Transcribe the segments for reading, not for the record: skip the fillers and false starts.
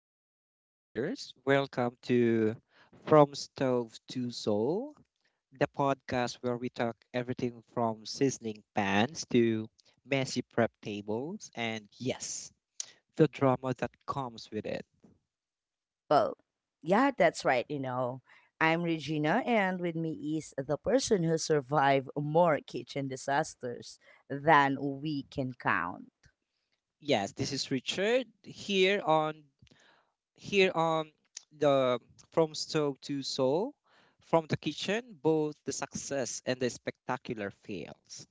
and kitchen warriors. Welcome to From Stove to Soul, the podcast where we talk everything from seasoning pans to messy prep tables and, yes, the drama that comes with it. Well, yeah, that's right, you know. I'm Regina, and with me is the person who survived more kitchen disasters than we can count. Yes, this is Richard here on the From Stove to Soul, from the kitchen, both the success and the spectacular fails.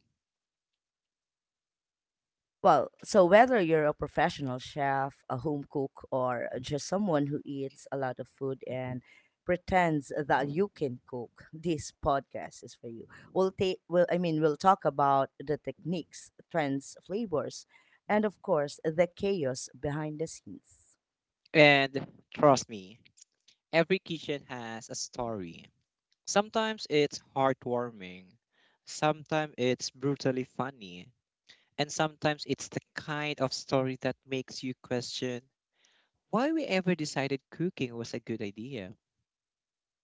So whether you're a professional chef, a home cook, or just someone who eats a lot of food and pretends that you can cook, this podcast is for you. We'll take, well, I mean, We'll talk about the techniques, trends, flavors, and of course, the chaos behind the scenes. And trust me, every kitchen has a story. Sometimes it's heartwarming, sometimes it's brutally funny, and sometimes it's the kind of story that makes you question why we ever decided cooking was a good idea.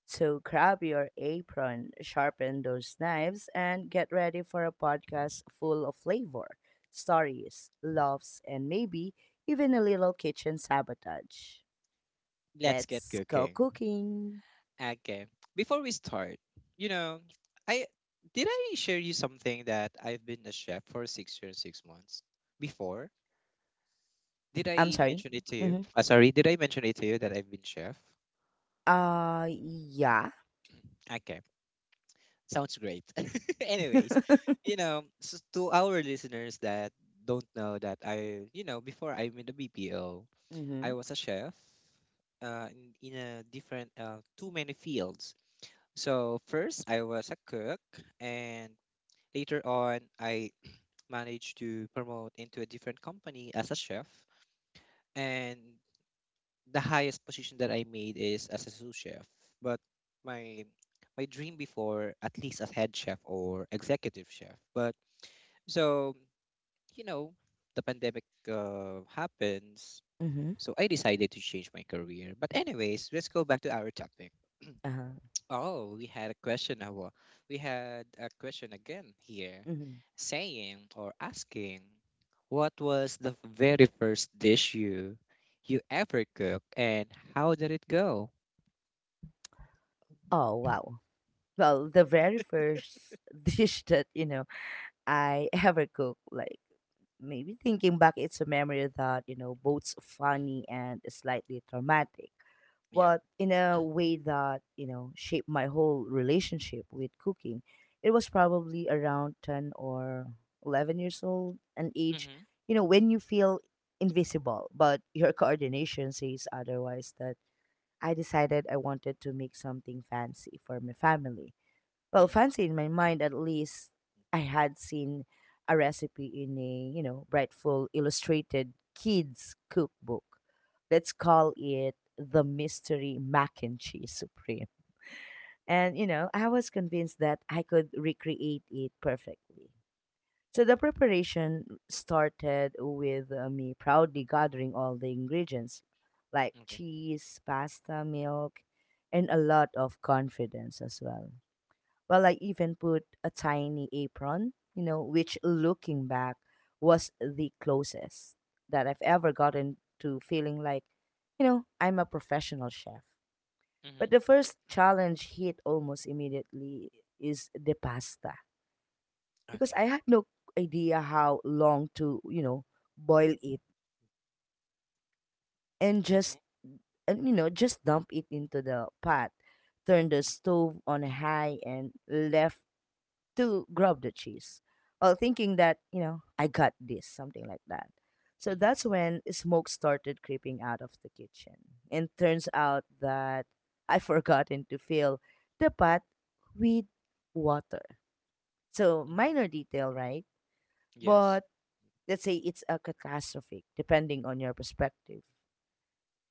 So grab your apron, sharpen those knives, and get ready for a podcast full of flavor, stories, loves, and maybe even a little kitchen sabotage. Let's get Let's go cooking. cooking. Okay. Before we start, you know, I did I share you something that I've been a chef for 6 years, 6 months before? Did I'm I sorry. mention it to you? Mm-hmm. Sorry, did I mention it to you that I've been chef? Yeah. Okay. Sounds great. Anyways, you know, so to our listeners that don't know that I, you know, before I'm in the BPO, I Mm-hmm. was a chef uh, in, a different, too many fields. So first, I was a cook, and later on, I managed to promote into a different company as a chef. And the highest position that I made is as a sous chef, but my my dream before at least as head chef or executive chef. But so you know, the pandemic happens, Mm-hmm. so I decided to change my career. But anyways, let's go back to our topic. Uh-huh. Oh, we had a question. Awa. We had a question again here, Mm-hmm. saying or asking, what was the very first dish you ever cooked and how did it go? Oh, wow. Well, the very first dish that, I ever cooked. Like maybe thinking back, it's a memory that both funny and slightly traumatic, Yeah. but in a way that shaped my whole relationship with cooking. It was probably around 10 or 11 years old, an age Mm-hmm. When you feel invisible, but your coordination says otherwise. That I decided I wanted to make something fancy for my family, well, Mm-hmm. fancy in my mind at least. I had seen a recipe in a, brightful illustrated kids cookbook. Let's call it the Mystery Mac and Cheese Supreme. And I was convinced that I could recreate it perfectly. So the preparation started with me proudly gathering all the ingredients, like Okay. cheese, pasta, milk, and a lot of confidence as well. Well, I even put a tiny apron, you know, which looking back was the closest that I've ever gotten to feeling like, you know, I'm a professional chef. But Mm-hmm. the first challenge hit almost immediately is the pasta, because Okay. I had no idea how long to, boil it and Mm-hmm. You know, just dump it into the pot, turn the stove on high and left to grab the cheese while thinking that, I got this, something like that. So Mm-hmm. that's when smoke started creeping out of the kitchen. And turns out that I forgotten to fill the pot with water. So Mm-hmm. minor detail, right? Yes. But let's say it's a catastrophic, depending on your perspective.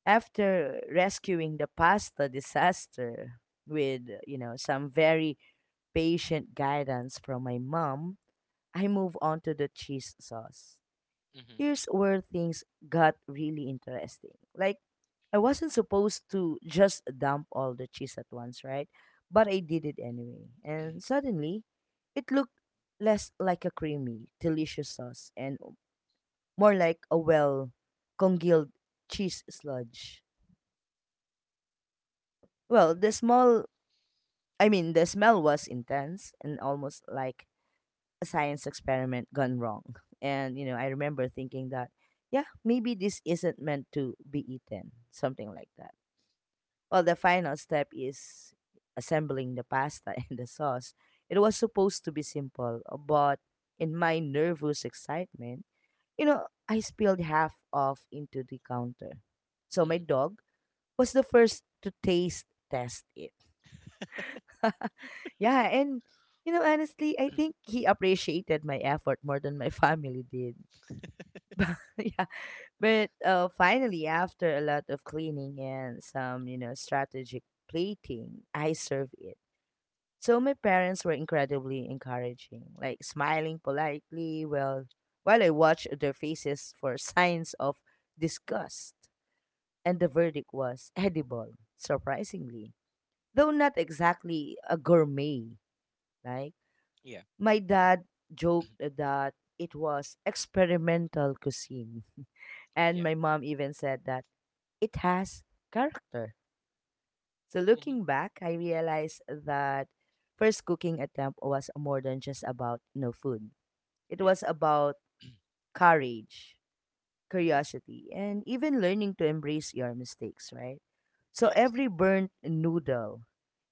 After rescuing the pasta disaster with, you know, some very patient guidance from my mom, I move on to the cheese sauce. Mm-hmm. Here's where things got really interesting. Like, I wasn't supposed to just dump all the cheese at once, right? But I did it anyway. And suddenly, it looked less like a creamy, delicious sauce and more like a, well, congealed cheese sludge. Well, the Okay. small, I mean, The smell was intense and almost like a science experiment gone wrong. And, I remember thinking that, yeah, maybe this isn't meant to be eaten, something like that. Well, the final step is assembling the pasta and the sauce. It was supposed to be simple, but in my nervous excitement, I spilled half off into the counter. So my Mm-hmm. dog was the first to taste test it. Yeah, and you know, honestly, I think he appreciated my effort more than my family did. Yeah, but finally, after a lot of cleaning and some, strategic plating, I served it. So my parents were incredibly encouraging, like smiling politely while I watched their faces for signs of disgust. And the verdict was edible, surprisingly, though not exactly a gourmet. Like Yeah. my dad joked that it was experimental cuisine, and Yeah. my mom even said that it has character. So Mm-hmm. looking back, I realized that first cooking attempt was more than just about no food. It Yeah. was about courage, Mm-hmm. curiosity, and even learning to embrace your mistakes, right? So Yes. every burnt noodle,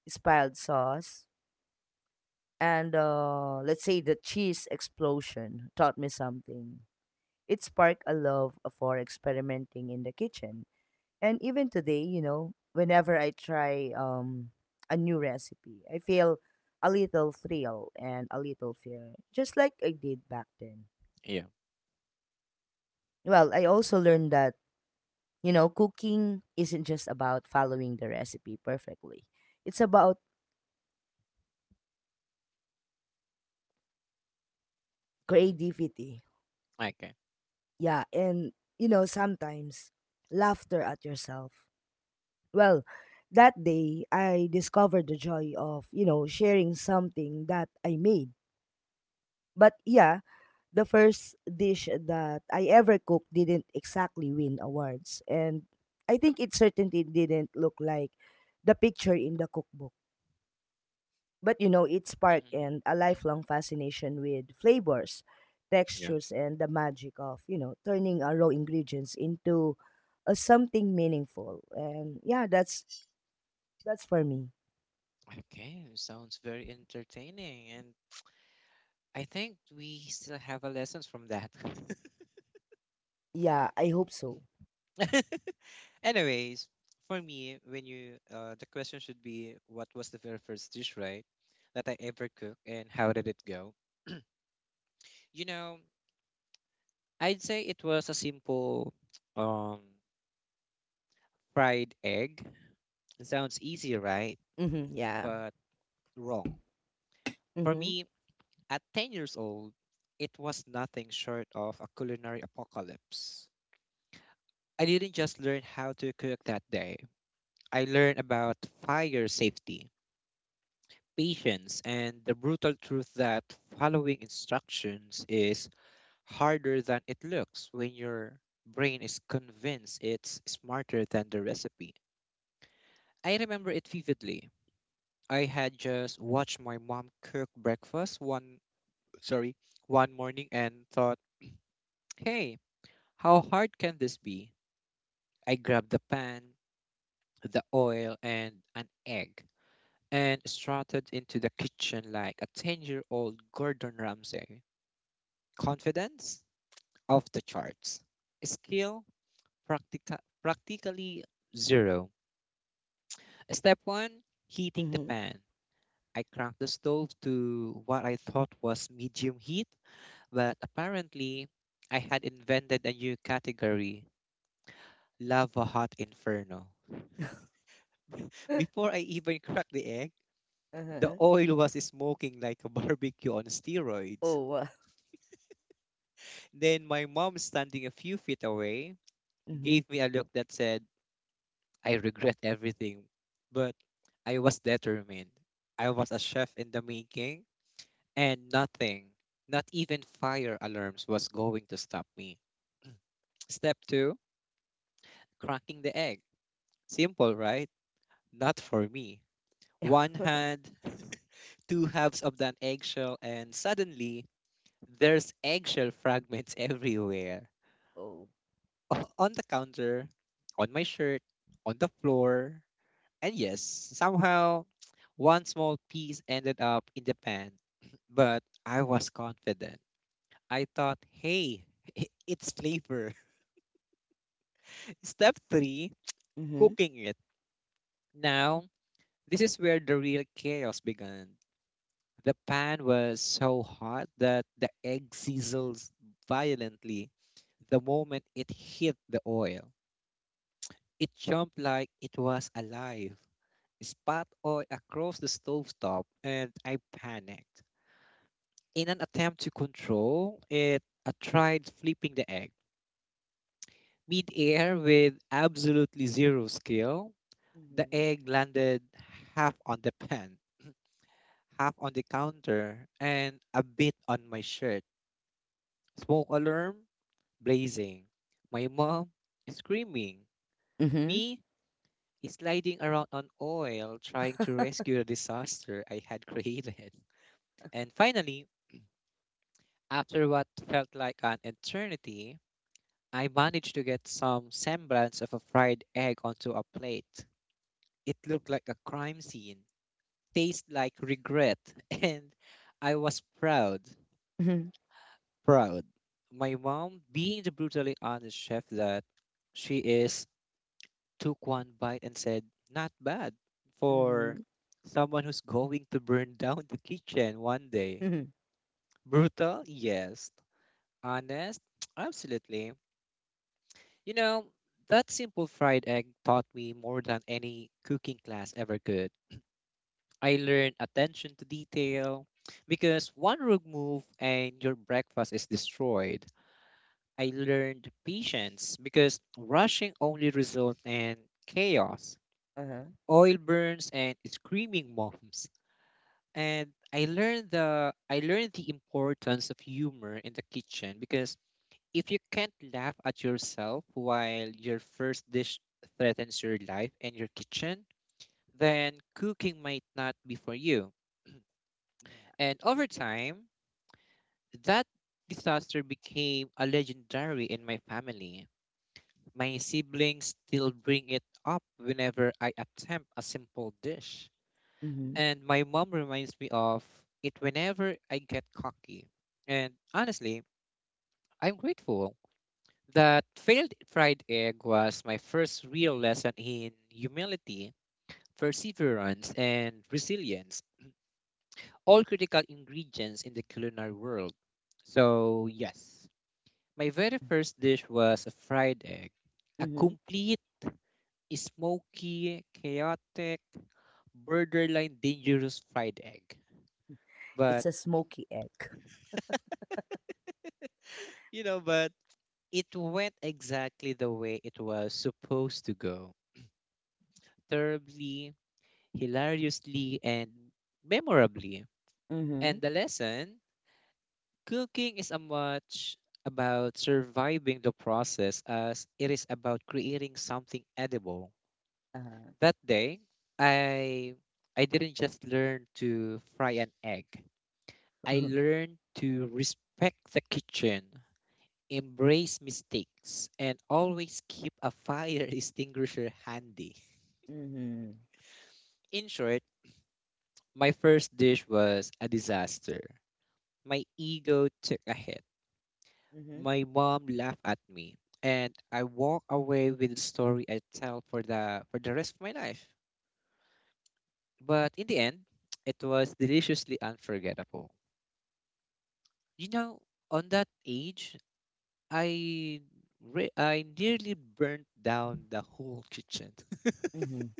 spilled sauce, and, let's say, the cheese explosion taught me something. It sparked a love for experimenting in the kitchen. And even today, you know, whenever I try a new recipe, I feel a little thrill and a little fear, just like I did back then. Yeah. Well, I also learned that, you know, cooking isn't just about following the recipe perfectly, it's about Mm-hmm. creativity. Okay. Yeah, and, you know, sometimes laughter at yourself. Well, that day, I discovered the joy of, sharing something that I made. But yeah, the first dish that I ever cooked didn't exactly win awards. And I think it certainly didn't look like the picture in the cookbook. But you know, it sparked Mm-hmm. and a lifelong fascination with flavors, Yeah. textures, and the magic of, turning our raw ingredients into something meaningful. And yeah, that's for me. Okay. Sounds very entertaining, and I think we still have a lessons from that. Yeah, I hope so. Anyways, for me, when you the question should be, what was the very first dish, right? That I ever cooked, and how did it go? You know, I'd say it was a simple um fried egg. It sounds easy, right? Mm-hmm, yeah. But wrong. For Mm-hmm. me, at 10 years old, it was nothing short of a culinary apocalypse. I didn't just learn how to cook that day. I learned about fire safety, patience, and the brutal truth that following instructions is harder than it looks when your brain is convinced it's smarter than the recipe. I remember it vividly. I had just watched my mom cook breakfast sorry, one morning and thought, "Hey, how hard can this be?" I grabbed the pan, the oil, and an egg and strutted into the kitchen like a 10-year-old Gordon Ramsay. Confidence off the charts. Skill practically zero. Step 1, heating the Mm-hmm. pan. I cranked the stove to what I thought was medium heat, but apparently I had invented a new category, lava hot inferno. Before I even cracked the egg, the Uh-huh. oil was smoking like a barbecue on steroids. Oh. Then my mom, standing a few feet away, mm-hmm. gave me a look that said, I regret everything. But I was determined. I was a chef in the making, and nothing, not even fire alarms, was going to stop me. Step two, cracking the egg. Simple, right? Not for me. One hand, two halves of that eggshell, and suddenly there's eggshell fragments everywhere. Oh. On the counter, on my shirt, on the floor. And yes, somehow one small piece ended up in the pan. But I was confident. I thought, hey, it's flavor. Step three, Mm-hmm. cooking it. Now this is where the real chaos began. The pan was so hot that the egg sizzled violently the moment it hit the oil. It jumped like it was alive, spat oil across the stovetop, and I panicked. In an attempt to control it, I tried flipping the egg. Mid-air with absolutely zero skill, the Mhm. egg landed half on the pan, half on the counter, and a bit on my shirt. Smoke alarm blazing. My mom screaming. Mhm. Me sliding around on oil trying to rescue the disaster I had created. And finally, after what felt like an eternity, I managed to get some semblance of a fried egg onto a plate. It looked like a crime scene, tasted like regret, and I was proud. Mhm. Proud. My mom, being the brutally honest chef that she is, took one bite and said, Not bad for Mhm. someone who's going to burn down the kitchen one day. Mhm. Brutal? Yes. Honest? Absolutely. You know, that simple fried egg taught me more than any cooking class ever could. I learned attention to detail because one wrong move and your breakfast is destroyed. I learned patience because rushing only results in chaos, Uh-huh. oil burns, and screaming moms. And I learned the importance of humor in the kitchen because if you can't laugh at yourself while your first dish threatens your life and your kitchen, then cooking might not be for you. Yeah. And over time, that disaster became a legendary in my family. My siblings still bring it up whenever I attempt a simple dish. Mhm. And my mom reminds me of it whenever I get cocky. And honestly, I'm grateful. That failed fried egg was my first real lesson in humility, perseverance, and resilience, all critical ingredients in the culinary world. So, yes, my very first dish was a fried egg, a Mhm. complete smoky, chaotic, borderline dangerous fried egg. But, It's a smoky egg. you know, but it went exactly the way it was supposed to go. Terribly, hilariously, and memorably. And Mhm. the lesson, cooking is as much about surviving the process as it is about creating something edible. Uh-huh. That day, I I didn't just learn to fry an egg. I learned to respect the kitchen, embrace mistakes and always keep a fire extinguisher handy. Mhm. In short, my first dish was a disaster. My ego took a hit. Mhm. My mom laughed at me, and I walk away with a story I tell for the rest of my life. But in the end, it was deliciously unforgettable. You know, on that age, I I nearly burnt down the whole kitchen. Mhm.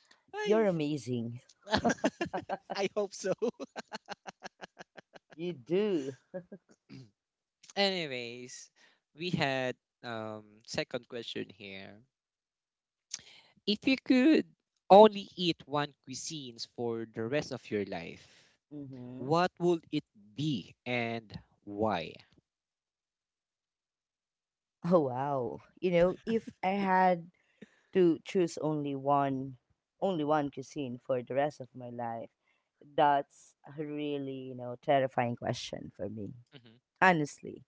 I You're amazing. I hope so. You do. Anyways, we had second question here. If you could only eat one cuisines for the rest of your life, Mhm. what would it be and why? Oh wow. You know, if I had to choose only one cuisine for the rest of my life, that's a really, you know, terrifying question for me. Hmm. Honestly.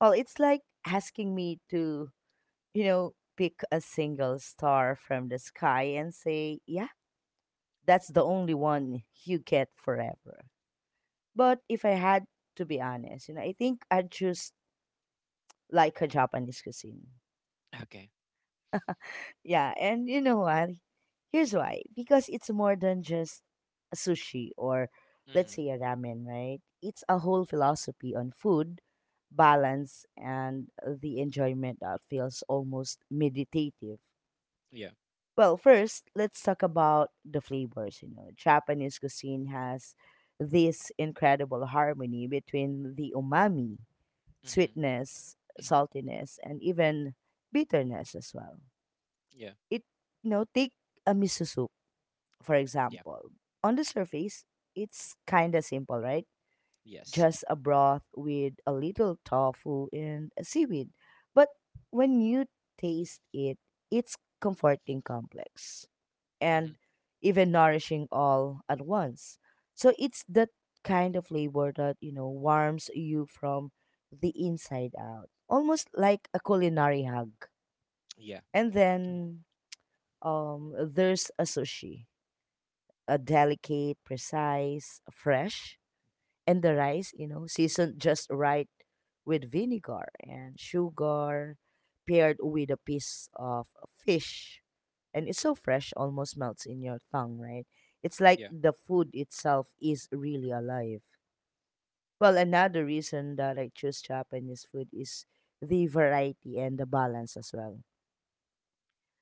Well, it's like asking me to, pick a single star from the sky and say, yeah, that's the only one you get forever. But if I had to be honest, you know, I think I'd choose like a Japanese cuisine. Okay. Yeah, and you know what? Here's why. Because it's more than just a sushi or, let's Hmm. say, a ramen, right? It's a whole philosophy on food, balance, and the enjoyment that feels almost meditative. Yeah. Well, first, let's talk about the flavors. You know, Japanese cuisine has this incredible harmony between the umami, Hmm. sweetness, saltiness, and even bitterness as well. Yeah. It, you know, take a miso soup, for Yeah. example. On the surface, it's kind of simple, right? Yes. Just a broth with a little tofu and seaweed. But when you taste it, it's comforting, complex, and Hmm. even nourishing all at once. So it's that kind of flavor that, you know, warms you from the inside out, almost like a culinary hug. Yeah. And then there's a sushi, a delicate, precise, fresh, and the rice, you know, seasoned just right with vinegar and sugar, paired with a piece of fish. And it's so fresh, almost melts in your tongue, right? It's like Yeah. the food itself is really alive. Well, another reason that I choose Japanese food is the variety and the balance as well.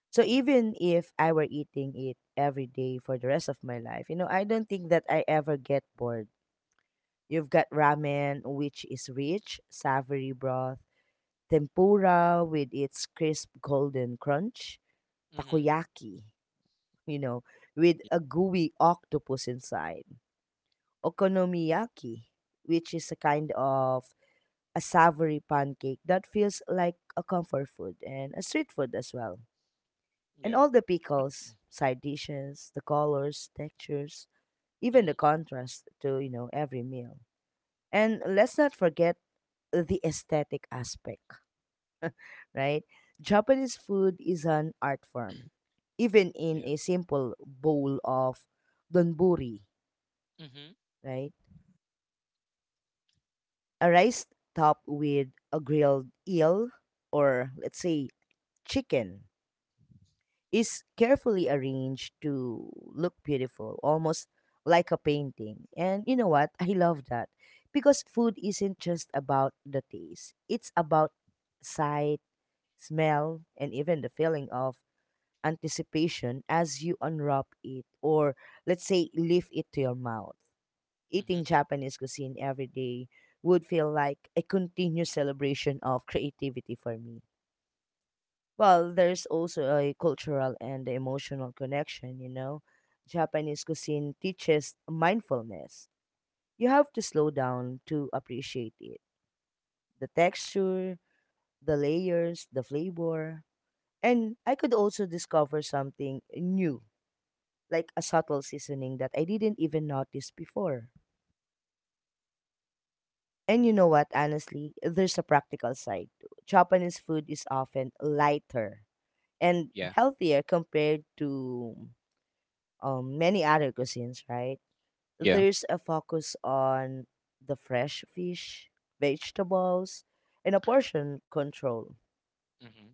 So Hmm. even if I were eating it every day for the rest of my life, you know, I don't think that I ever get bored. You've got ramen, which is rich, savory broth, tempura with its crisp golden crunch, Hmm. takoyaki, you know, with a gooey octopus inside, okonomiyaki, which is a kind of a savory pancake that feels like a comfort food and a street food as well. And Yeah. all the pickles, side dishes, the colors, textures, even the Hmm. contrast to, you know, every meal. And let's not forget the aesthetic aspect, right? Japanese food is an art form, even in Yeah. a simple bowl of donburi, Hmm. Hmm. right? A rice topped with a grilled eel, or, let's say, chicken, is carefully arranged to look beautiful, almost like a painting. And you know what? I love that because food isn't just about the taste, it's about size, smell, and even the feeling of anticipation as you unwrap it or, let's say, lift it to your mouth. Eating Japanese cuisine every day would feel like a continuous celebration of creativity for me. Well, there's also a cultural and emotional connection, you know. Japanese cuisine teaches mindfulness. You have to slow down to appreciate it. The texture, the layers, the flavor, and I could also discover something new, like a subtle seasoning that I didn't even notice before. And you know what, honestly, there's a practical side too. Japanese food is often lighter and Yeah. healthier compared to many other cuisines, right? Yeah. There's a focus on the fresh fish, vegetables, and a portion control. Hmm.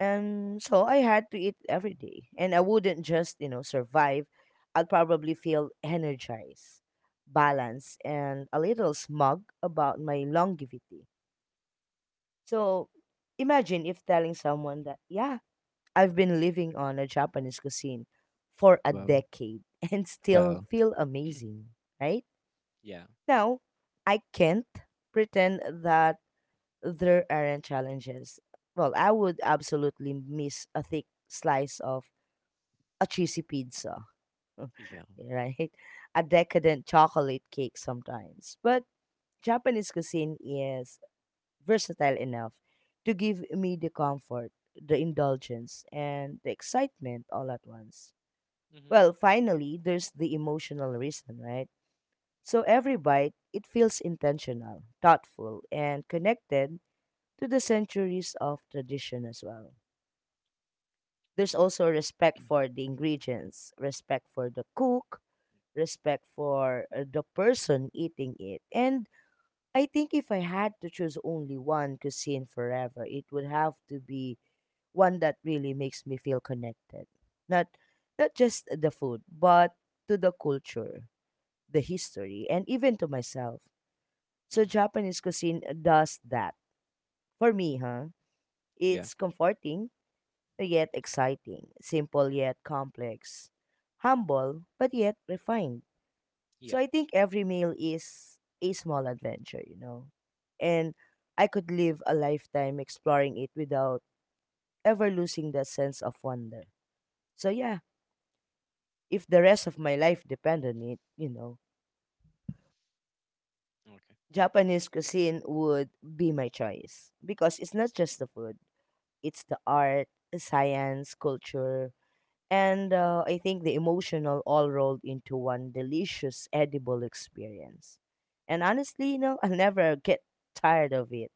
And so I had to eat every day. And I wouldn't just, you know, survive. I'd probably feel energized, balanced, and a little smug about my longevity. So imagine if telling someone that, yeah, I've been living on a Japanese cuisine for a Wow. decade and still Wow. feel amazing, right? Yeah. Now, I can't pretend that there aren't challenges. Well, I would absolutely miss a thick slice of a cheesy pizza, Yeah. right? A decadent chocolate cake sometimes. But Japanese cuisine is versatile enough to give me the comfort, the indulgence, and the excitement all at once. Mm-hmm. Well, finally, there's the emotional reason, right? So every bite, it feels intentional, thoughtful, and connected to the centuries of tradition as well. There's Yeah. also respect for the ingredients, respect for the cook, respect for the person eating it. And I think if I had to choose only one cuisine forever, it would have to be one that really makes me feel connected. Not not just the food, but to the culture, the history, and even to myself. So Hmm. Japanese cuisine does that. For me, huh? Yeah. It's comforting yet exciting, simple yet complex, humble but yet refined. Yeah. So I think every meal is a small adventure, you know. And I could live a lifetime exploring it without ever losing that sense of wonder. So yeah, if the rest of my life depend on it, Okay. Japanese cuisine would be my choice because it's not just the food, it's the art, science, culture, and I think the emotional all rolled into one delicious edible experience. And honestly, I'll never get tired of it.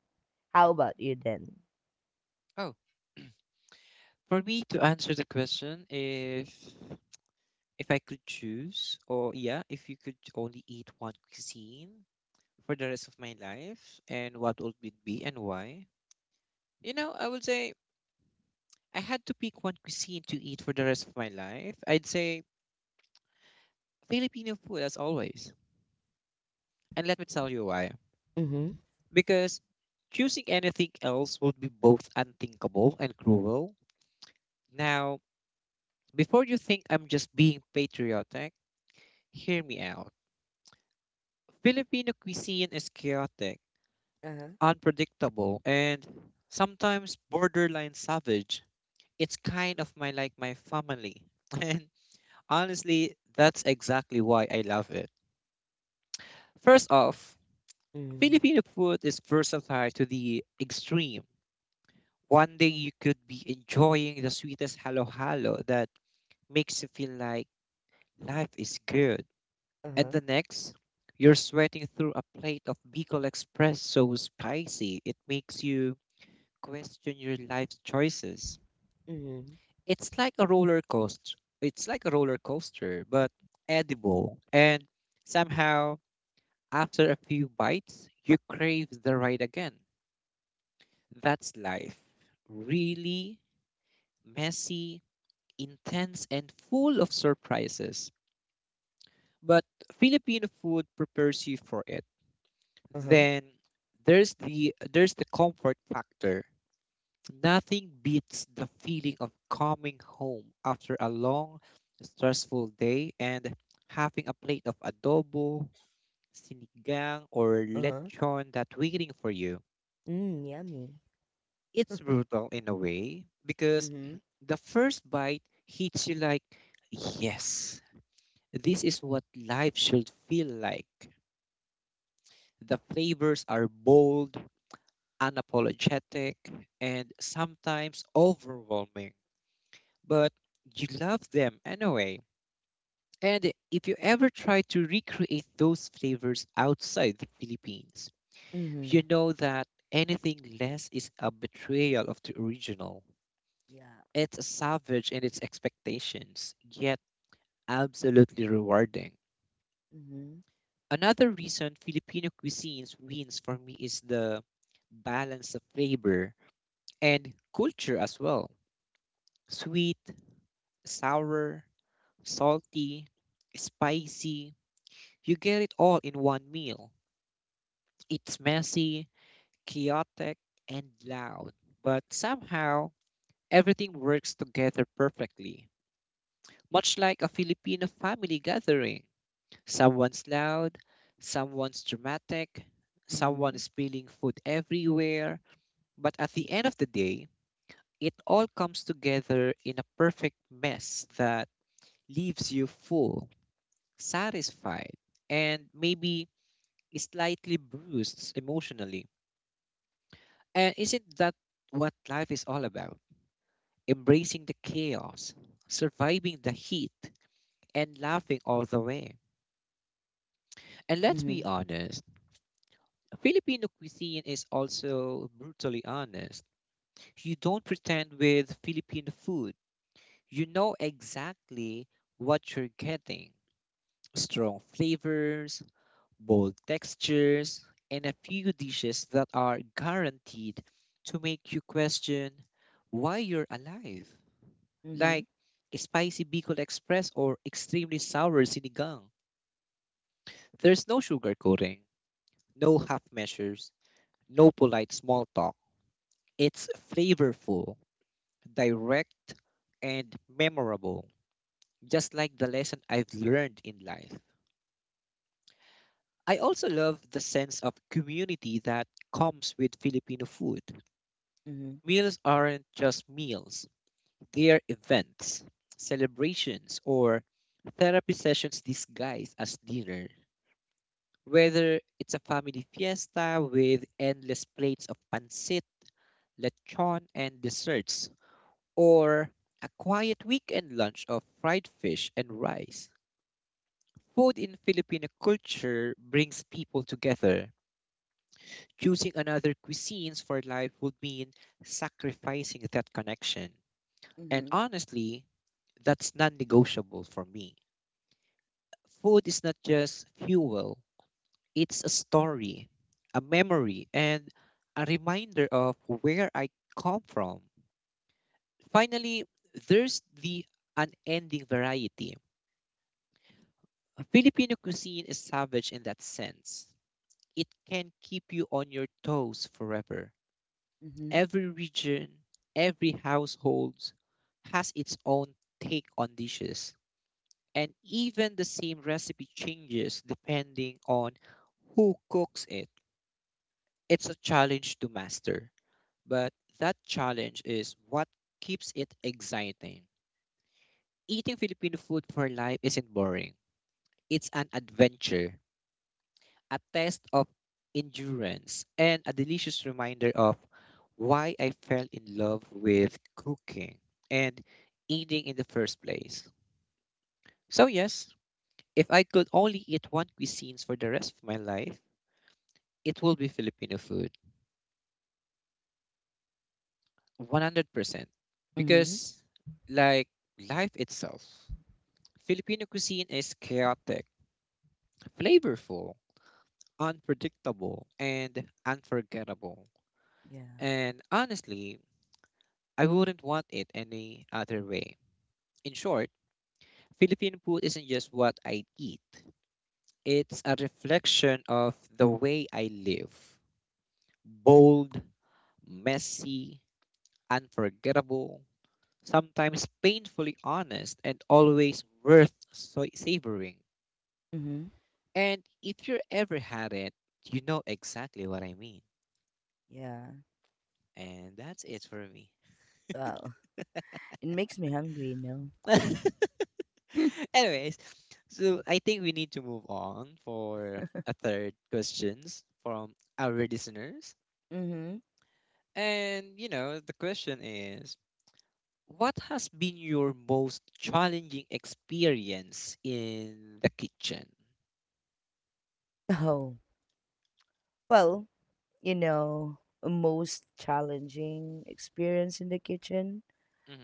How Hmm. about you then? Oh, for me to answer the question, if I could choose, or yeah, if you could only eat one cuisine for the rest of my life, and what would it be and why? You know, I would say I had to pick one cuisine to eat for the rest of my life. I'd say Filipino food as always. And let me tell you why. Mm-hmm. Because choosing anything else would be both unthinkable and cruel. Now, before you think I'm just being patriotic, hear me out. Filipino cuisine is chaotic, Uh-huh. unpredictable, and sometimes borderline savage. It's kind of my like my family. And honestly, that's exactly why I love it. First off, Mm-hmm. Filipino food is versatile to the extreme. One day you could be enjoying the sweetest halo halo that makes you feel like life is good. And Uh-huh. the next, you're sweating through a plate of Bicol Express so spicy it makes you question your life's choices. Mm-hmm. It's like a roller coaster, but edible. And somehow, after a few bites, you crave the ride again. That's life. Really messy, intense, and full of surprises. But Filipino food prepares you for it Uh-huh. then there's the comfort factor. Nothing beats the feeling of coming home after a long, stressful day and having a plate of adobo, sinigang, or Uh-huh. lechon that waiting for you. Mm, yummy. It's brutal in a way because Mm-hmm. the first bite hits you like, yes, this is what life should feel like. The flavors are bold, unapologetic, and sometimes overwhelming, but you love them anyway. And if you ever try to recreate those flavors outside the Philippines, Mm-hmm. you know that anything less is a betrayal of the original. Yeah. It's savage in its expectations, yet absolutely rewarding. Mm-hmm. Another reason Filipino cuisines wins for me is the balance of flavor and culture as well. Sweet, sour, salty, spicy. You get it all in one meal. It's messy, chaotic, and loud, but somehow everything works together perfectly. Much like a Filipino family gathering. Someone's loud, someone's dramatic, someone Mm-hmm. is spilling food everywhere, but at the end of the day, it all comes together in a perfect mess that leaves you full, satisfied, and maybe slightly bruised emotionally. And isn't that what life is all about? Embracing the chaos, surviving the heat, and laughing all the way. And let's Mm-hmm. be honest, Filipino cuisine is also brutally honest. You don't pretend with Filipino food, you know exactly what you're getting strong flavors, bold textures, and a few dishes that are guaranteed to make you question why you're alive, Mm-hmm. like a spicy Bicol Express or extremely sour sinigang. There's no sugarcoating, no half measures, no polite small talk. It's flavorful, direct, and memorable, just like the lesson I've learned in life. I also love the sense of community that comes with Filipino food. Mm-hmm. Meals aren't just meals, they are events, celebrations, or therapy sessions disguised as dinner. Whether it's a family fiesta with endless plates of pancit, lechon, and desserts, or a quiet weekend lunch of fried fish and rice, food in Filipino culture brings people together. Choosing another cuisines for life would mean sacrificing that connection. And Mm-hmm. honestly, that's non negotiable for me. Food is not just fuel, it's a story, a memory, and a reminder of where I come from. Finally, there's the unending variety. Filipino cuisine is savage in that sense. It can keep you on your toes forever. Mm-hmm. Every region, every household has its own take on dishes and even the same recipe changes depending on who cooks it. It's a challenge to master, but that challenge is what keeps it exciting. Eating Filipino food for life isn't boring. It's an adventure, a test of endurance, and a delicious reminder of why I fell in love with cooking and eating in the first place. So yes, if I could only eat one cuisines for the rest of my life, it will be Filipino food, 100%. Mm-hmm. Because, like life itself, Filipino cuisine is chaotic, flavorful, unpredictable, and unforgettable. Yeah. And honestly, I wouldn't want it any other way. In short, Filipino food isn't just what I eat, it's a reflection of the way I live. Bold, messy, unforgettable, sometimes painfully honest and always worth savoring. Mm-hmm. And if you ever had it, you know exactly what I mean. Yeah. And that's it for me. Wow. It makes me hungry, no? Anyways, so I think we need to move on for a third questions from our listeners. Mm-hmm. And the question is what has been your most challenging experience in the kitchen? Oh, well, you know, most challenging experience in the kitchen.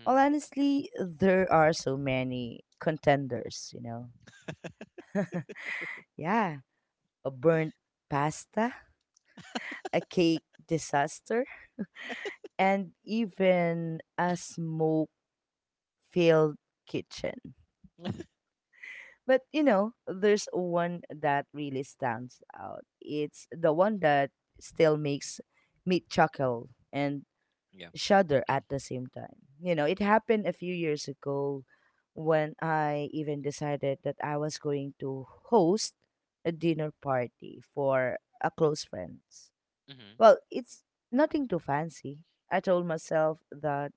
Well, honestly, there are so many contenders, you know. Yeah, a burnt pasta, a cake disaster, and even a smoke filled kitchen. Hmm. But, you know, there's one that really stands out. It's the one that still makes me chuckle and shudder at the same time. You know, it happened a few years ago when I even decided that I was going to host a dinner party for a close friends. Mm-hmm. Well, it's nothing too fancy. I told myself that,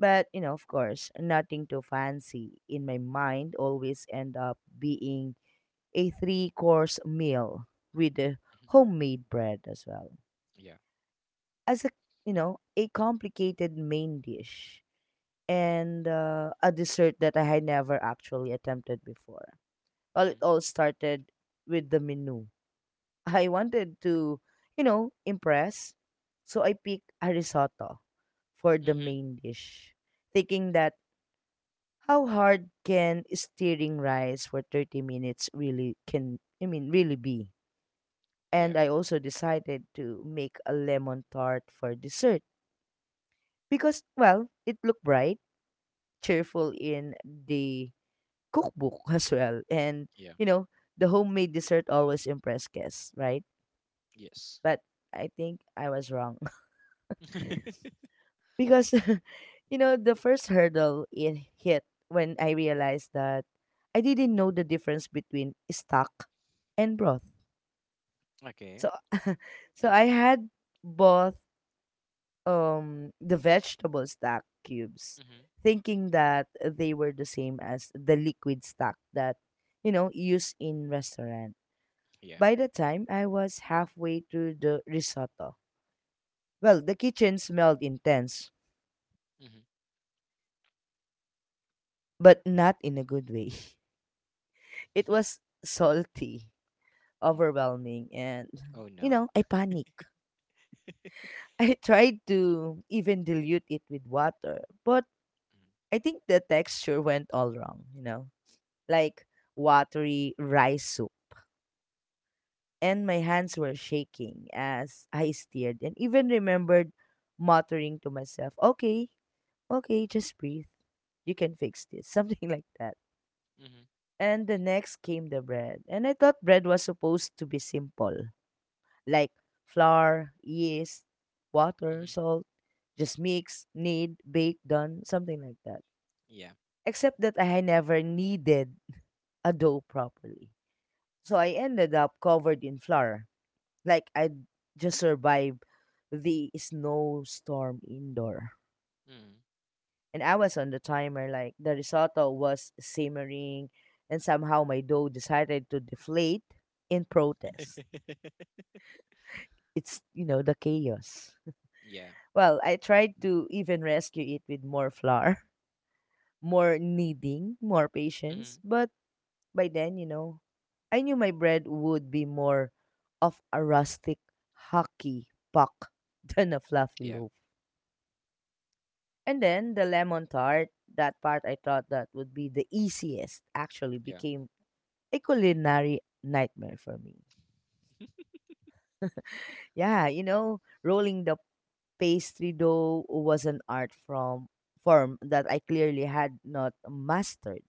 but you know, of course, nothing too fancy in my mind always end up being a three course meal with the homemade bread as well. Yeah. As a, you know, a complicated main dish and a dessert that I had never actually attempted before. Well, Mm-hmm. it all started with the menu. I wanted to, you know, impress. So I picked a risotto for the Mm-hmm. main dish, thinking that how hard can stirring rice for 30 minutes really can, I mean, really be? Yeah. And I also decided to make a lemon tart for dessert because, well, it looked bright, cheerful in the cookbook as well. And, Yeah. you know, the homemade dessert always impress guests, right? Yes. But I think I was wrong. Because you know, the first hurdle it hit when I realized that I didn't know the difference between stock and broth. Okay. So so I had both, the vegetable stock cubes, Mm-hmm. thinking that they were the same as the liquid stock that, you know, used in restaurants. Yeah. By the time I was halfway through the risotto, well, the kitchen smelled intense, Mm-hmm. but not in a good way. It was salty, Mm. overwhelming, and, Oh you no. know, I panicked. I tried to even dilute it with water, but Mm-hmm. I think the texture went all wrong, you know, like watery rice soup. And my hands were shaking as I stirred and even remembered muttering to myself, okay, okay, just breathe. You can fix this. Something like that. Mm-hmm. And the next came the bread. And I thought bread was supposed to be simple, like flour, yeast, water, Mm-hmm. salt, just mix, knead, bake, done, something like that. Yeah. Except that I never kneaded a dough properly. So I ended up covered in flour. Like I just survived the snowstorm indoor. Mm. And I was on the timer. Like the risotto was simmering, and somehow my dough decided to deflate in protest. It's, you know, the chaos. Yeah. Well, I tried to even rescue it with more flour, more kneading, more patience. Mm-hmm. But by then, you know, I knew my bread would be more of a rustic hockey puck than a fluffy Yeah. loaf. And then the lemon tart, that part I thought that would be the easiest, actually Yeah. became a culinary nightmare for me. Yeah, you know, rolling the pastry dough was an art from form that I clearly had not mastered.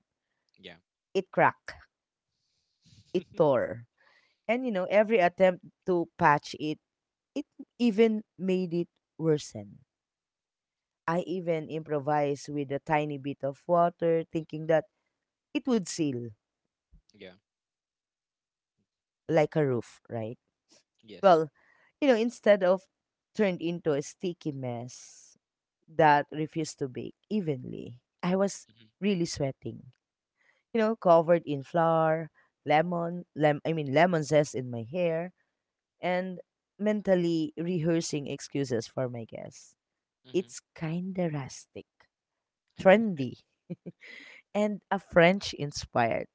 Yeah. It cracked, it tore, and you know, every attempt to patch it, it even made it worsen. I even improvised with a tiny bit of water, thinking that it would seal Yeah. like a roof, right? Yes. Well, you know, instead of turned into a sticky mess, that refused to bake evenly. I was Mm-hmm. really sweating, you know, covered in flour, I mean lemon zest in my hair, and mentally rehearsing excuses for my guests. Mm-hmm. It's kinda rustic, trendy, and a French inspired.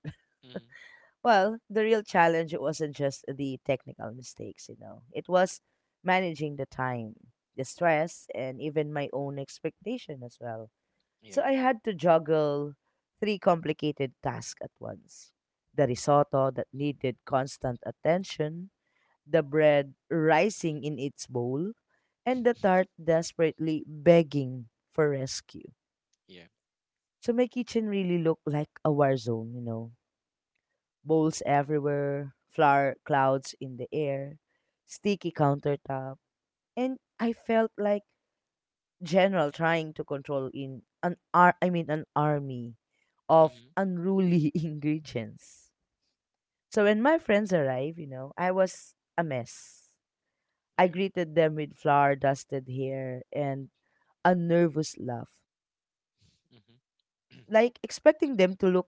Mm-hmm. Well, the real challenge wasn't just the technical mistakes, you know. It was managing the time, the stress, and even my own expectation as well. So Yeah. I had to juggle three complicated tasks at once, the risotto that needed constant attention, the bread rising in its bowl, and the tart desperately begging for Mm. rescue. Yeah. So my kitchen really looked like a war zone, you know. Bowls everywhere, flour clouds in the air, sticky countertop, and I felt like general trying to control in I mean an army of Mm-hmm. unruly ingredients. So when my friends arrived, you know, I was a mess. I Yeah. greeted them with flour dusted hair and a nervous laugh, Mm-hmm. like expecting them to look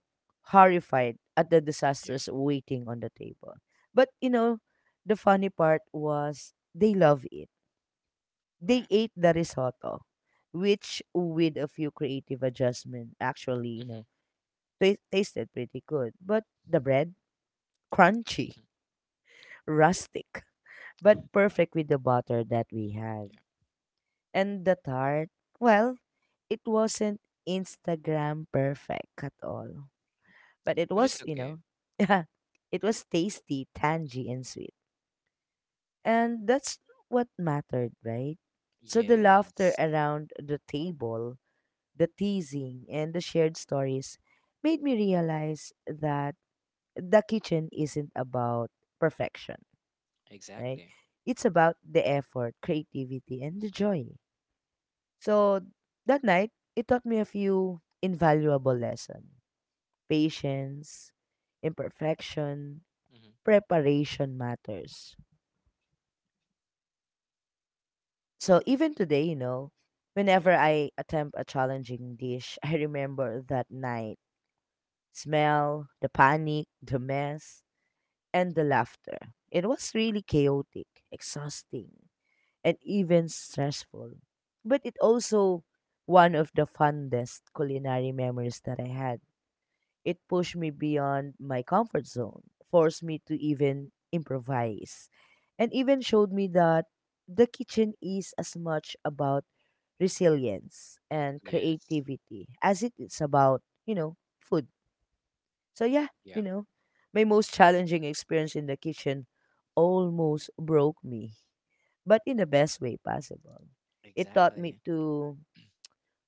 horrified at the Yeah. disasters waiting on the table. But you know, the funny part was they love it. Wow. They ate the risotto, which with a few creative adjustment actually, you Mm-hmm. know, tasted pretty good. But the bread, crunchy, rustic, but perfect with the butter that we had. And the tart, well, it wasn't Instagram perfect at all. But it Which is was, you know, okay. yeah, it was tasty, tangy, and sweet. And that's what mattered, right? So the laughter Yes, around the table, the teasing, and the shared stories made me realize that the kitchen isn't about perfection, right? exactly. It's about the effort, creativity, and the joy. So that night, it taught me a few invaluable lessons, patience, imperfection, Hmm. preparation matters. So even today, you know, Yeah. whenever I attempt a challenging dish, I remember that night, smell, the panic, the mess, and the laughter. It was really chaotic, exhausting, and even stressful. But it also one of the fondest culinary memories that I had. It pushed me beyond my comfort zone, forced me to even improvise, and even showed me that the kitchen is as much about resilience and Yes. creativity as it is about, you know, food. So yeah, Yeah. you know, my most challenging experience in the kitchen almost broke me, but in the best way possible. It taught me Exactly. to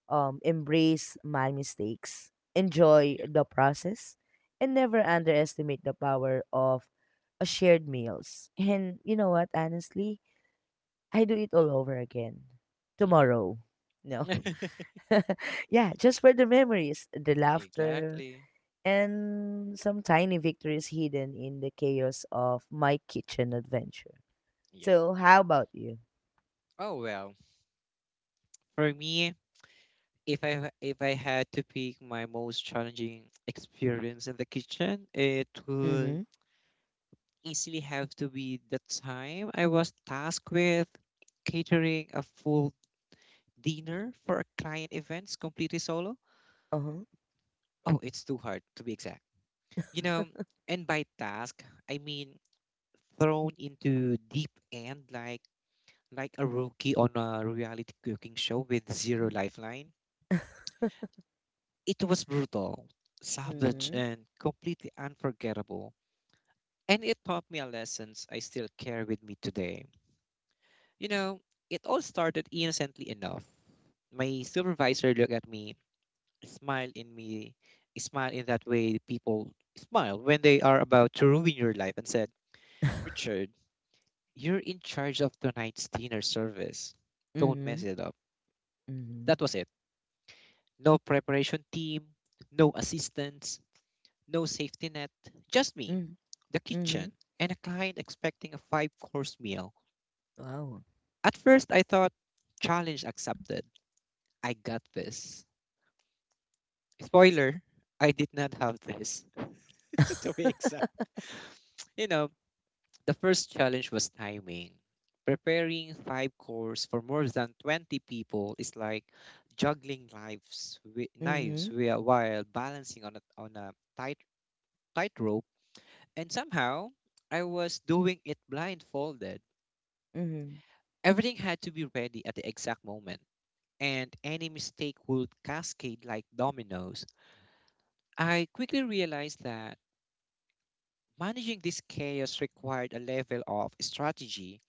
embrace my mistakes, enjoy Yeah. the process, and never underestimate the power of a shared meals. And you know what? Honestly, I do it all over again Hmm. tomorrow. No, yeah, just for the memories, the laughter, Exactly. and some tiny victories hidden in the chaos of my kitchen adventure. Yeah. So, how about you? Oh well. For me, if I had to pick my most challenging experience in the kitchen, it Mm-hmm. would easily have to be the time I was tasked with catering a full dinner for a client events completely solo. Uh-huh. Oh, it's too hard to be exact. you know, and by task, I mean thrown into deep end like a rookie on a reality cooking show with zero lifeline. It was brutal, savage, Mm-hmm. and completely unforgettable. And it taught me a lessons I still carry with me today. You know, it all started innocently enough. My supervisor looked at me, smiled in me, smiled in that way people smile when they are about to ruin your life, and said, "Richard." You're in charge of tonight's dinner service. Don't mess Mm-hmm. it up. Mm-hmm. That was it. No preparation team, no assistants, no safety net. Just me, Mm-hmm. the Mm-hmm. kitchen, and a client expecting a five course meal. Wow. At first, I thought, challenge accepted. I got this. Spoiler, I did not have this, to be exact. You know, The first challenge was timing. Preparing five courses for more than 20 people is like juggling knives, wi- knives Mm-hmm. wi- while balancing on a tightrope. And somehow, I was doing it blindfolded. Mm-hmm. Everything had to be ready at the exact moment, and any mistake would cascade like dominoes. I quickly realized that managing this chaos required a level of strategy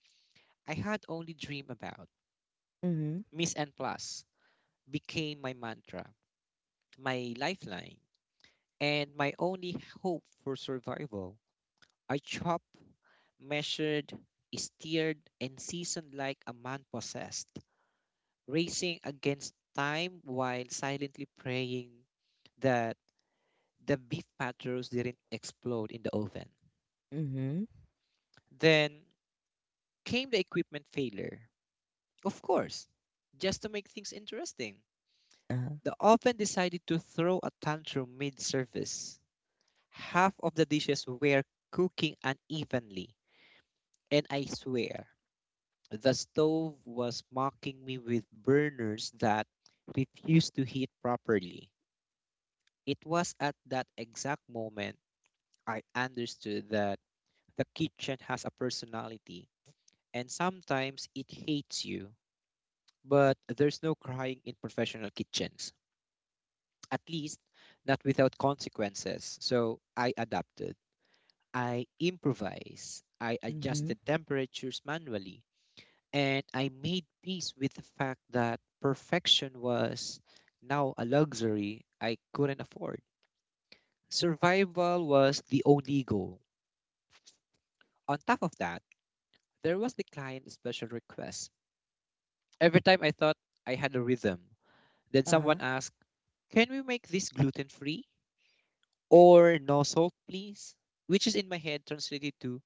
I had only dreamed about. Mm-hmm. Miss N Plus became my mantra, my lifeline, and my only hope for survival. I chopped, measured, steered, and seasoned like a man possessed, racing against time while silently praying that the beef patterns didn't explode in the oven. Mm-hmm. Then came the equipment failure. Of course, just to make things interesting, Uh-huh. the oven decided to throw a tantrum mid service. Half of the dishes were cooking unevenly, and I swear the stove was mocking me with burners that refused to heat properly. It was at that exact moment I understood that the kitchen has a personality, and sometimes it hates you. But there's no crying in professional kitchens, at least not without consequences. So I adapted. I improvised, I Mm-hmm. adjusted temperatures manually, and I made peace with the fact that perfection was now a luxury I couldn't afford. Survival was the only goal. On top of that, there was the client special request. Every time I thought I had a rhythm, then someone Uh-huh. asked, "Can we make this gluten free? Or no salt, please?" Which is in my head translated to,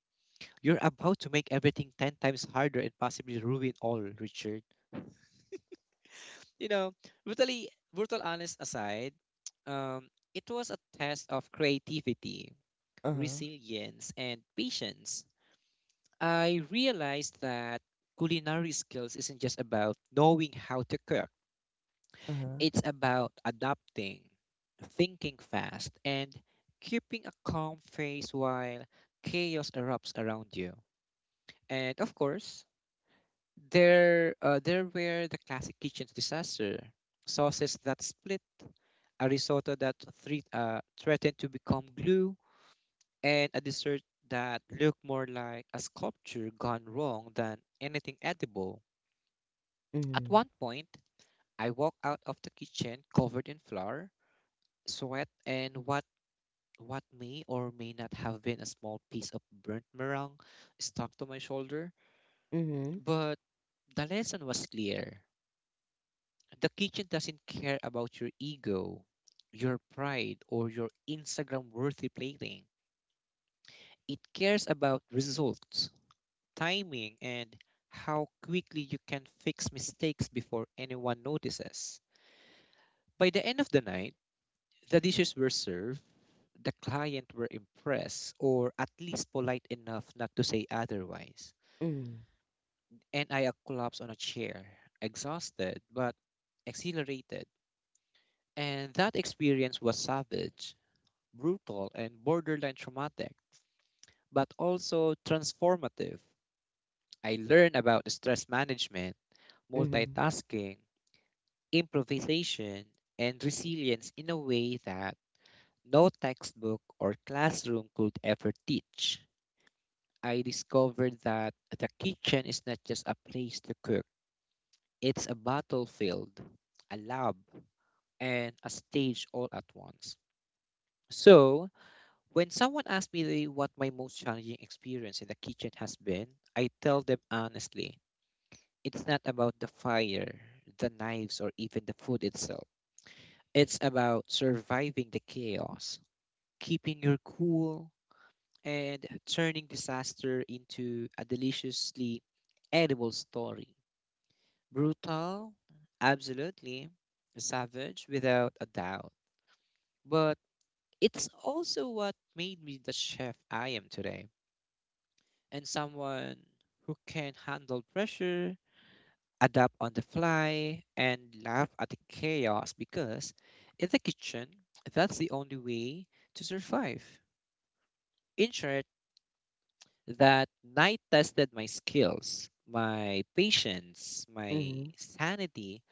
"You're about to make everything 10 times harder and possibly ruin all, Richard." You know, brutal honest aside, it was a test of creativity, Uh-huh. resilience, and patience. I realized that culinary skills isn't just about knowing how to cook, Uh-huh. it's about adapting, thinking fast, and keeping a calm face while chaos erupts around you. And of course, there were the classic kitchen disaster: sauces that split, a risotto that threatened to become glue, and a dessert that looked more like a sculpture gone wrong than anything edible. At Mm-hmm. one point, I walked out of the kitchen covered in flour, sweat, and what may or may not have been a small piece of burnt meringue stuck to my shoulder. Mm-hmm. But the lesson was clear. The kitchen doesn't care about your ego, your pride, or your Instagram worthy plating. It cares about results, timing, and how quickly you can fix mistakes before anyone notices. By the end of the night, the dishes were served, the client were impressed, or at least polite enough not to say otherwise. Mm-hmm. And I collapsed on a chair, exhausted but exhilarated. And that experience was savage, brutal, and borderline traumatic, but also transformative. I learned about stress management, Mm-hmm. multitasking, improvisation, and resilience in a way that no textbook or classroom could ever teach. I discovered that the kitchen is not just a place to cook, it's a battlefield, a lab, and a stage all at once. So, when someone asks me what my most challenging experience in the kitchen has been, I tell them honestly, it's not about the fire, the knives, or even the food itself. It's about surviving the chaos, keeping your cool, and turning disaster into a deliciously edible story. Brutal? Absolutely. Savage? Without a doubt. But it's also what made me the chef I am today, and someone who can handle pressure, adapt on the fly, and laugh at the chaos because in the kitchen, that's the only way to survive. In short, that night tested my skills, my patience, my Mm-hmm. sanity,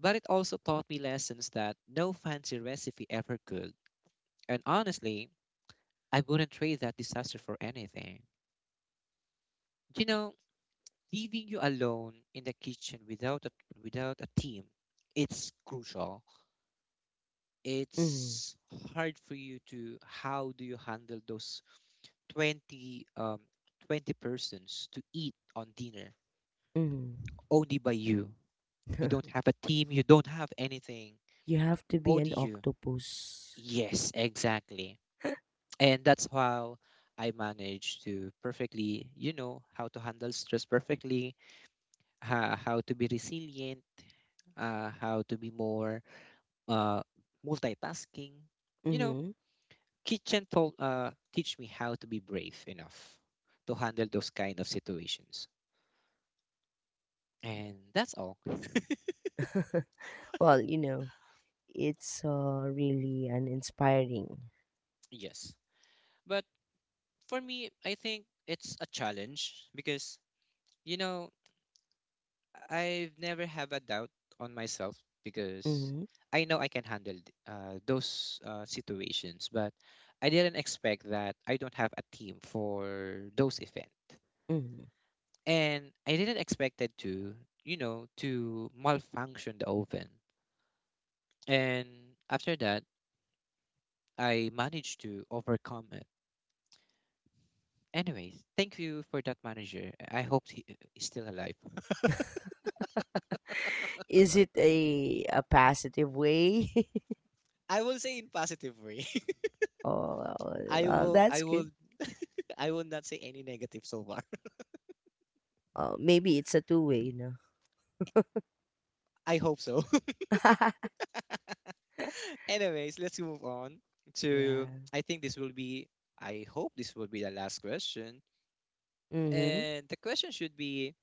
but it also taught me lessons that no fancy recipe ever could. And honestly, I wouldn't trade that disaster for anything. You know, leaving you alone in the kitchen without a team, it's crucial. Mm-hmm. It's hard for you to how do you handle those 20 um 20 persons to eat on dinner, Mm-hmm. only by you. You don't have a team, you don't have anything, You have to be only an you. octopus. Yes, exactly. And that's how I managed to perfectly how to handle stress perfectly, how to be resilient, how to be more uh, multitasking. You know, Mm-hmm. Kitchen told teach me how to be brave enough to handle those kind of situations. And that's all. Well, you know, it's really an inspiring. Yes. But for me, I think it's a challenge because, you know, I've never have a doubt on myself because Hmm. I know I can handle those situations, but I didn't expect that I don't have a team for those events. Hmm. And I didn't expect it to malfunction the oven. And after that, I managed to overcome it. Anyways, thank you for that manager. I hope he is still alive. Is it a positive way? I will say in positive way. Oh, I well, will that's I will good. I will not say any negative so far. Oh, maybe it's a two way, you know. I hope so. Anyways, let's move on to Yeah. I hope this will be the last question. Mm-hmm. And the question should be,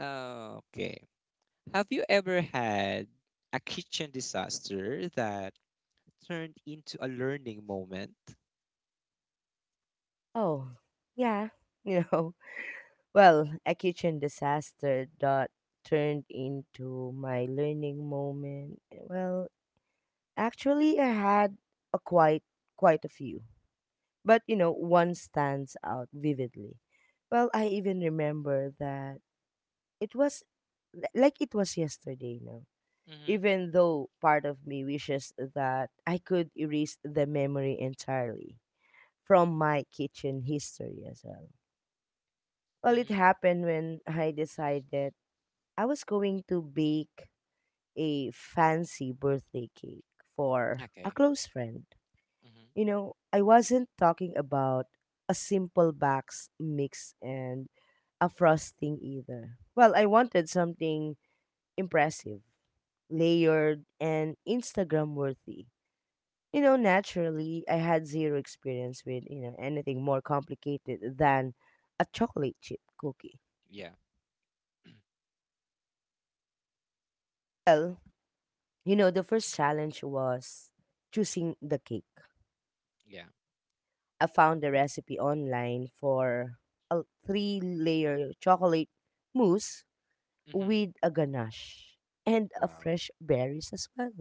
okay. Have you ever had a kitchen disaster that turned into a learning moment? Oh, yeah. You know, well, a kitchen disaster that turned into my learning moment. Well, actually, I had a quite a few. But you know, one stands out vividly. Well, I even remember that it was like it was yesterday, no? Mm-hmm. Even though part of me wishes that I could erase the memory entirely from my kitchen history as well. Well, it Mm-hmm. happened when I decided I was going to bake a fancy birthday cake for a Okay. close friend. Mm-hmm. You know, I wasn't talking about a simple box mix and a frosting either. Well, I wanted something impressive, layered, and Instagram worthy. You know, naturally, I had zero experience with, you know, anything more complicated than a chocolate chip cookie. Yeah. Well, you know, the first challenge was choosing the cake. Yeah. I found the recipe online for a three layer chocolate mousse Mm-hmm. with a ganache and a Wow. fresh berries as well.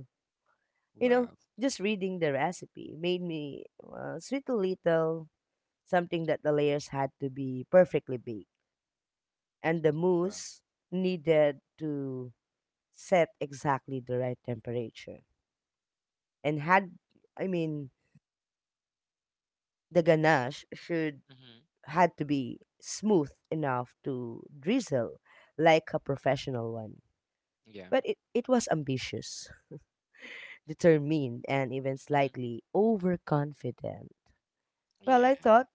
You know, Wow. just reading the recipe made me sweet a little, something that the layers had to be perfectly baked, and the Wow. mousse needed to set exactly the right temperature. And had, I mean, the ganache should Mm-hmm. had to be smooth enough to drizzle like a professional one. Yeah. But it was ambitious, determined, and even Mm-hmm. slightly overconfident. Well, Yeah. I thought,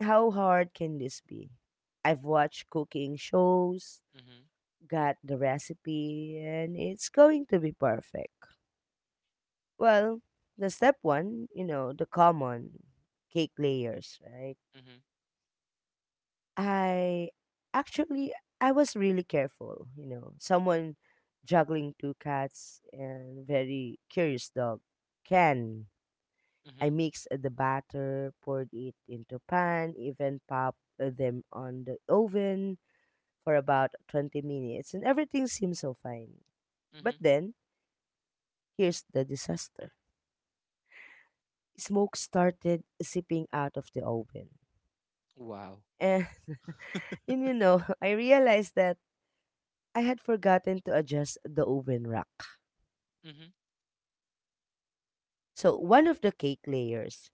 how hard can this be? I've watched cooking shows, Mm-hmm. got the recipe, and it's going to be perfect. Well, the step one, you know, the common cake layers, right? Mm-hmm. I actually, I was really careful, you know. Someone juggling two cats and very curious dog can. I Mm-hmm. mixed the batter, poured it into pan, even popped them on the oven for about 20 minutes and everything seemed so fine. But Mm-hmm. then, here's the disaster. Smoke started seeping out of the oven. Wow. And, and you know, I realized that I had forgotten to adjust the oven rack. Mm-hmm. So one of the cake layers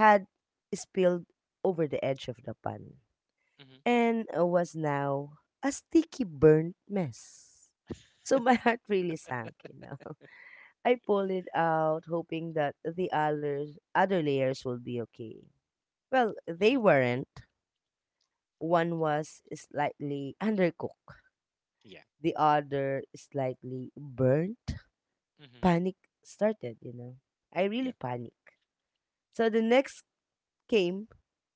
had spilled over the edge of the pan Mm-hmm. and was now a sticky burnt mess. So my heart really sank, you know. I pulled it out, hoping that other layers would be okay. Well, they Mm-hmm. weren't. One was slightly undercooked, Yeah. the other slightly burnt. Mm-hmm. Panic started, you know. I really Yeah. panicked. So the next came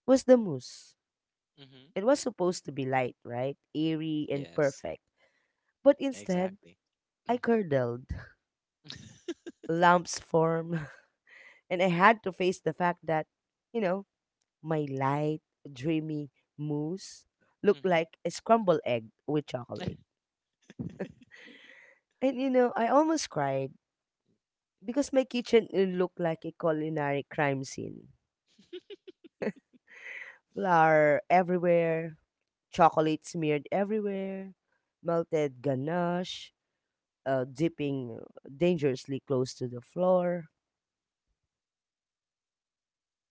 was the mousse. Mm-hmm. It was supposed to be light, right? Airy and Yes. perfect. But instead, Exactly. I Mm. curdled. Lumps formed, and I had to face the fact that, you know, My light, dreamy mousse looked Mm-hmm. like a scrambled egg with chocolate. And you know, I almost cried because my kitchen looked like a culinary crime scene. Flour everywhere, chocolate smeared everywhere, melted ganache, dipping dangerously close to the floor,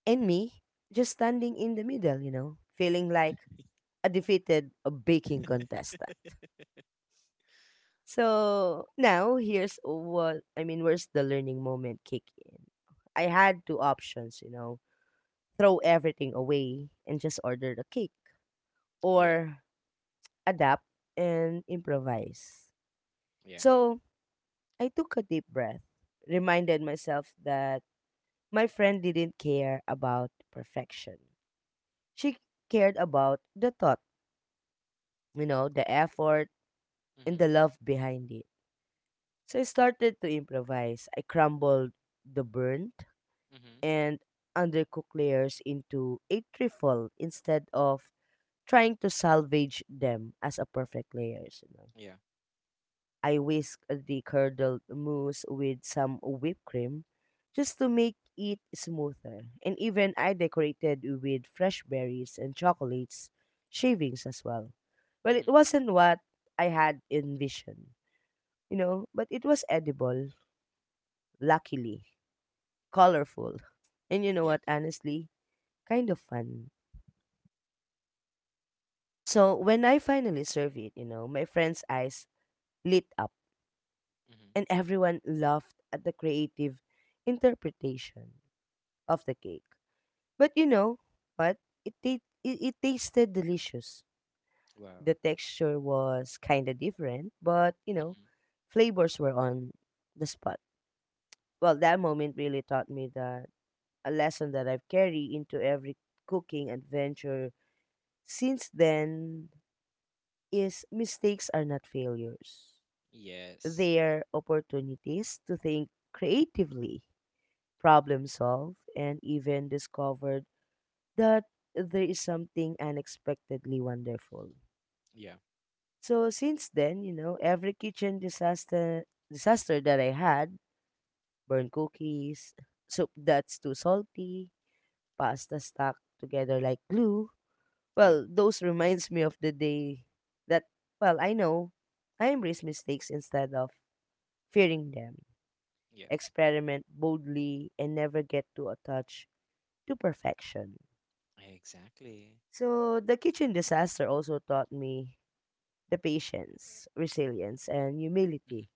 and me just standing in the middle, you know, feeling like a defeated baking contestant. So now here's what I mean, where's the learning moment kick in? I had two options, you know, throw everything away and just order the cake Yeah. or adapt and improvise. Yeah. So I took a deep breath, reminded myself that my friend didn't care about perfection. She cared about the thought, you know, the effort and the Mm-hmm. love behind it. So I started to improvise. I crumbled the burnt Mm-hmm. and undercooked layers into a trifle instead of trying to salvage them as a perfect layers. You know. Yeah. I whisk the curdled mousse with some whipped cream just to make it smoother. And even I decorated with fresh berries and chocolates shavings as well. Well, it Mm-hmm. wasn't what I had envisioned, you know, but it was edible, luckily, colorful, and you know Yeah. what, honestly, kind of fun. So when I finally served it, you know, my friend's eyes lit up Mm-hmm. and everyone laughed at the creative interpretation of the cake. But you know what? It tasted delicious. Wow. The texture was kind of different, but you know, Mm-hmm. flavors were on the spot. Well, that moment really taught me that a lesson that I've carried into every cooking adventure since then is mistakes are not failures. Yes. Their opportunities to think creatively, problem solve, and even discovered that there is something unexpectedly wonderful. Yeah. So since then, you know, every kitchen disaster that I had, burned cookies, soup that's too salty, pasta stuck together like glue. Yeah. Well, those reminds me of the day that well, I know I embrace mistakes instead of fearing them. Yeah. Experiment boldly, and never get too attached to perfection. Exactly. So, the kitchen disaster also taught me the patience, resilience, and Mm-hmm. humility.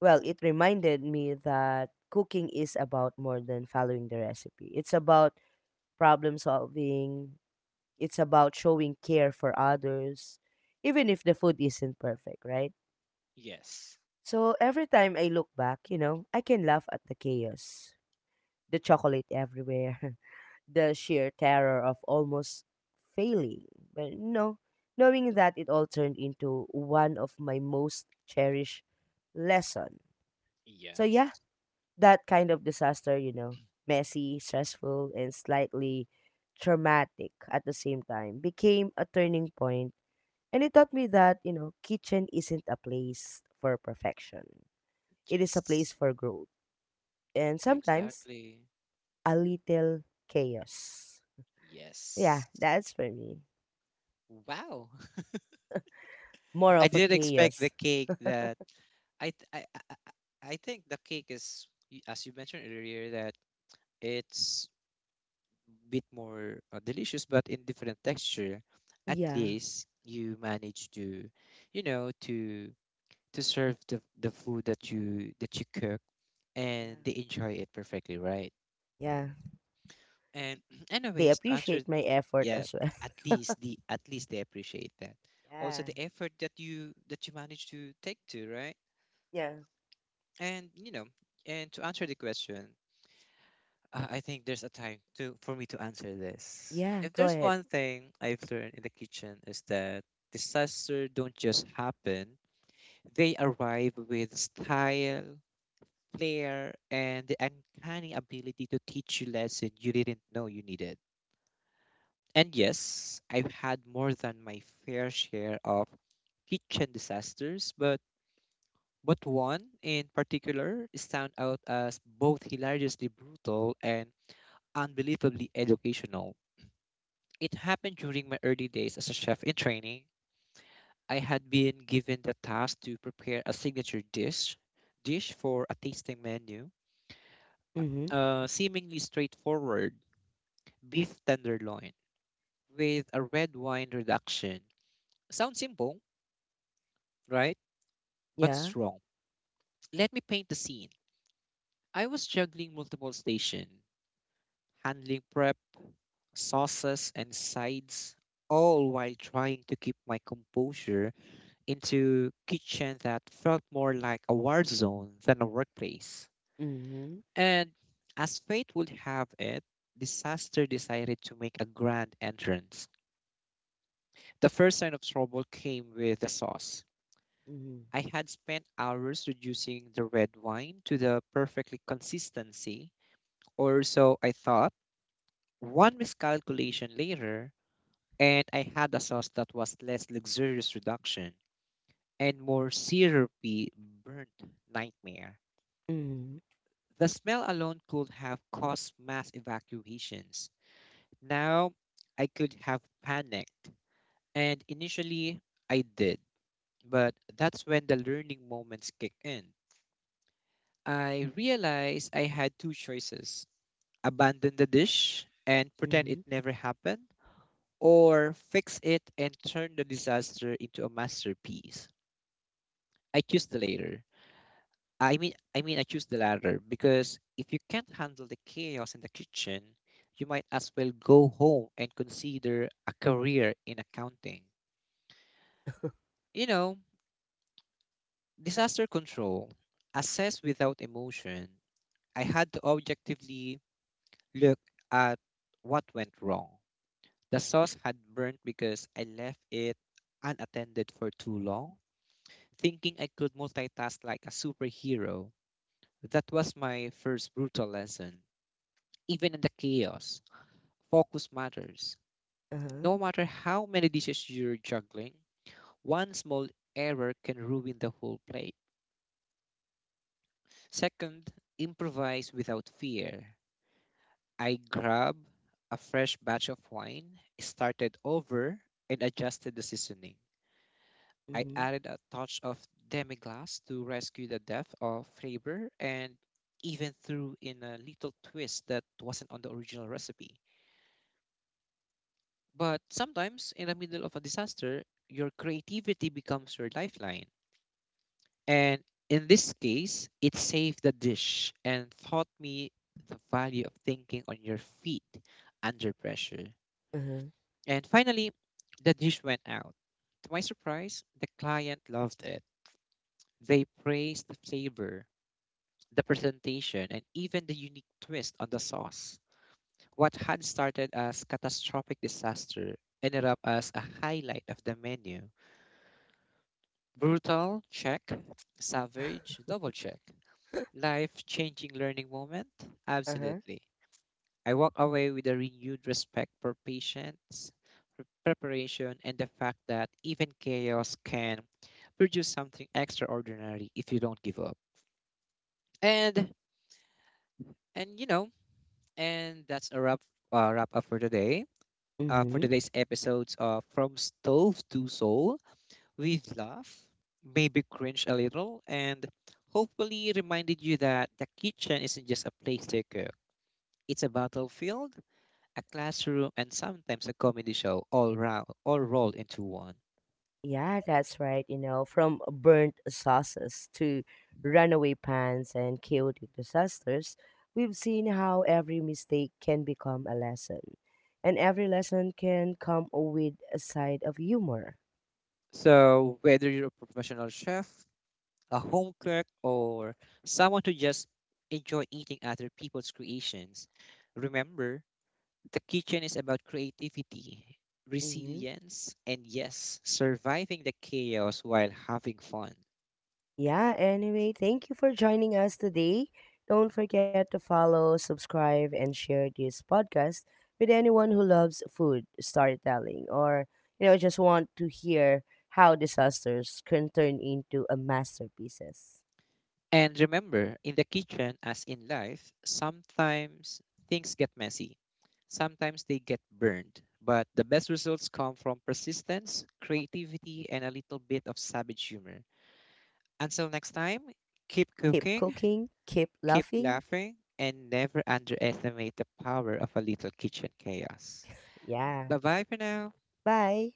Well, it reminded me that cooking is about more than following the recipe, it's about problem solving, it's about showing care for others, even if the food isn't perfect, right? Yes. So, every time I look back, you know, I can laugh at the chaos, the chocolate everywhere. The sheer terror of almost failing. But no, knowing that it all turned into one of my most cherished lesson. So yeah, Yes. that kind of disaster, you know, messy, stressful, and slightly traumatic at the same time, became a turning point, and it taught me that you know, kitchen isn't a place for perfection. It is a place Yes. for growth, and sometimes Exactly. a little chaos. Yeah, Yes. that's for me. Wow. More I of a did expect the chaos. cake that I I think the cake is as you mentioned earlier that it's bit more delicious but in different texture. At Yeah. least you manage to, you know, to serve the food that you cook, Yeah. and they enjoy it perfectly, right? Yeah. And They anyways, to appreciate my effort yeah, as well. at least the, at least they appreciate that, also Yeah. the effort that you manage to take to, right? Yeah. And you know, and to answer the question, I think there's a time to, for me to answer this. Yeah. If Go there's ahead. one thing I've learned in the kitchen, is that disaster don't just happen, they arrive with style, flair, and the uncanny ability to teach you lessons you didn't know you needed. And yes, I've had more than my fair share of kitchen disasters, but one in particular stand out as both hilariously brutal and unbelievably educational. It happened during my early days as a chef in training. I had been given the task to prepare a signature dish for a tasting menu, Mm-hmm. Seemingly straightforward beef tenderloin with a red wine reduction. Sounds simple, right? But Yeah. strong. Let me paint the scene. I was juggling multiple stations, handling prep, sauces, and sides, all while trying to keep my composure into kitchen that felt more like a war zone than a workplace. Mm-hmm. And as fate would have it, disaster decided to make a grand entrance. The first sign of trouble came with the sauce. Mm-hmm. I had spent hours reducing the red wine to the perfectly consistency, or so I thought. One miscalculation later, and I had a sauce that was less luxurious reduction and more syrupy burnt nightmare. Mm-hmm. The smell alone could have caused mass evacuations. Now, I could have panicked, and initially I did, but that's when the learning moments kick in. I realized I had two choices: abandon the dish and pretend Mm-hmm. it never happened, or fix it and turn the disaster into a masterpiece. I choose the latter. I mean, I choose the latter because if you can't handle the chaos in the kitchen, you might as well go home and consider a career in accounting. You know, disaster control, assess without emotion. I had to objectively look at what went wrong. The sauce had burnt because I left it unattended for too long, thinking I could multitask like a superhero. That was my first brutal lesson. Even in the chaos, focus matters. Uh-huh. No matter how many dishes you're juggling, one small error can ruin the whole plate. Second, improvise without fear. I grabbed a fresh batch of wine, started over, and adjusted the seasoning. I Mm-hmm. added a touch of demi-glace to rescue the depth of flavor, and even threw in a little twist that wasn't on the original recipe. But sometimes, in the middle of a disaster, your creativity becomes your lifeline. And in this case, it saved the dish and taught me the value of thinking on your feet under pressure. Uh-huh. And finally, the dish went out. To my surprise, the client loved it. They praised the flavor, the presentation, and even the unique twist on the sauce. What had started as catastrophic disaster ended up as a highlight of the menu. Brutal, check. Savage, double check. Life changing learning moment? Uh-huh. Absolutely. I walk away with a renewed respect for patience, preparation, and the fact that even chaos can produce something extraordinary if you don't give up. And and you know, And that's a wrap up for today. For Mm-hmm. today's episodes of From Stove to Soul, we've laughed, maybe cringed a little, and hopefully reminded you that the kitchen isn't just a place to cook. It's a battlefield, a classroom, and sometimes a comedy show all rolled into one. Yeah, that's right. You know, from burnt sauces to runaway pans and chaotic disasters, we've seen how every mistake can become a lesson. And every lesson can come with a side of humor. So whether you're a professional chef, a home cook, or someone who just enjoy eating other people's creations, remember, the kitchen is about creativity, Hmm. resilience, and yes, surviving the chaos while having fun. Yeah, anyway, thank you for joining us today. Don't forget to follow, subscribe, and share this podcast with anyone who loves food storytelling or, you know, just want to hear how disasters can turn into a masterpieces. And remember, in the kitchen, as in life, sometimes things get messy, sometimes they get burned. But the best results come from persistence, creativity, and a little bit of savage humor. Until next time, keep Keep cooking, cooking, keep keep laughing. laughing, and never underestimate the power of a little kitchen chaos. Yeah. Bye bye for now. Bye.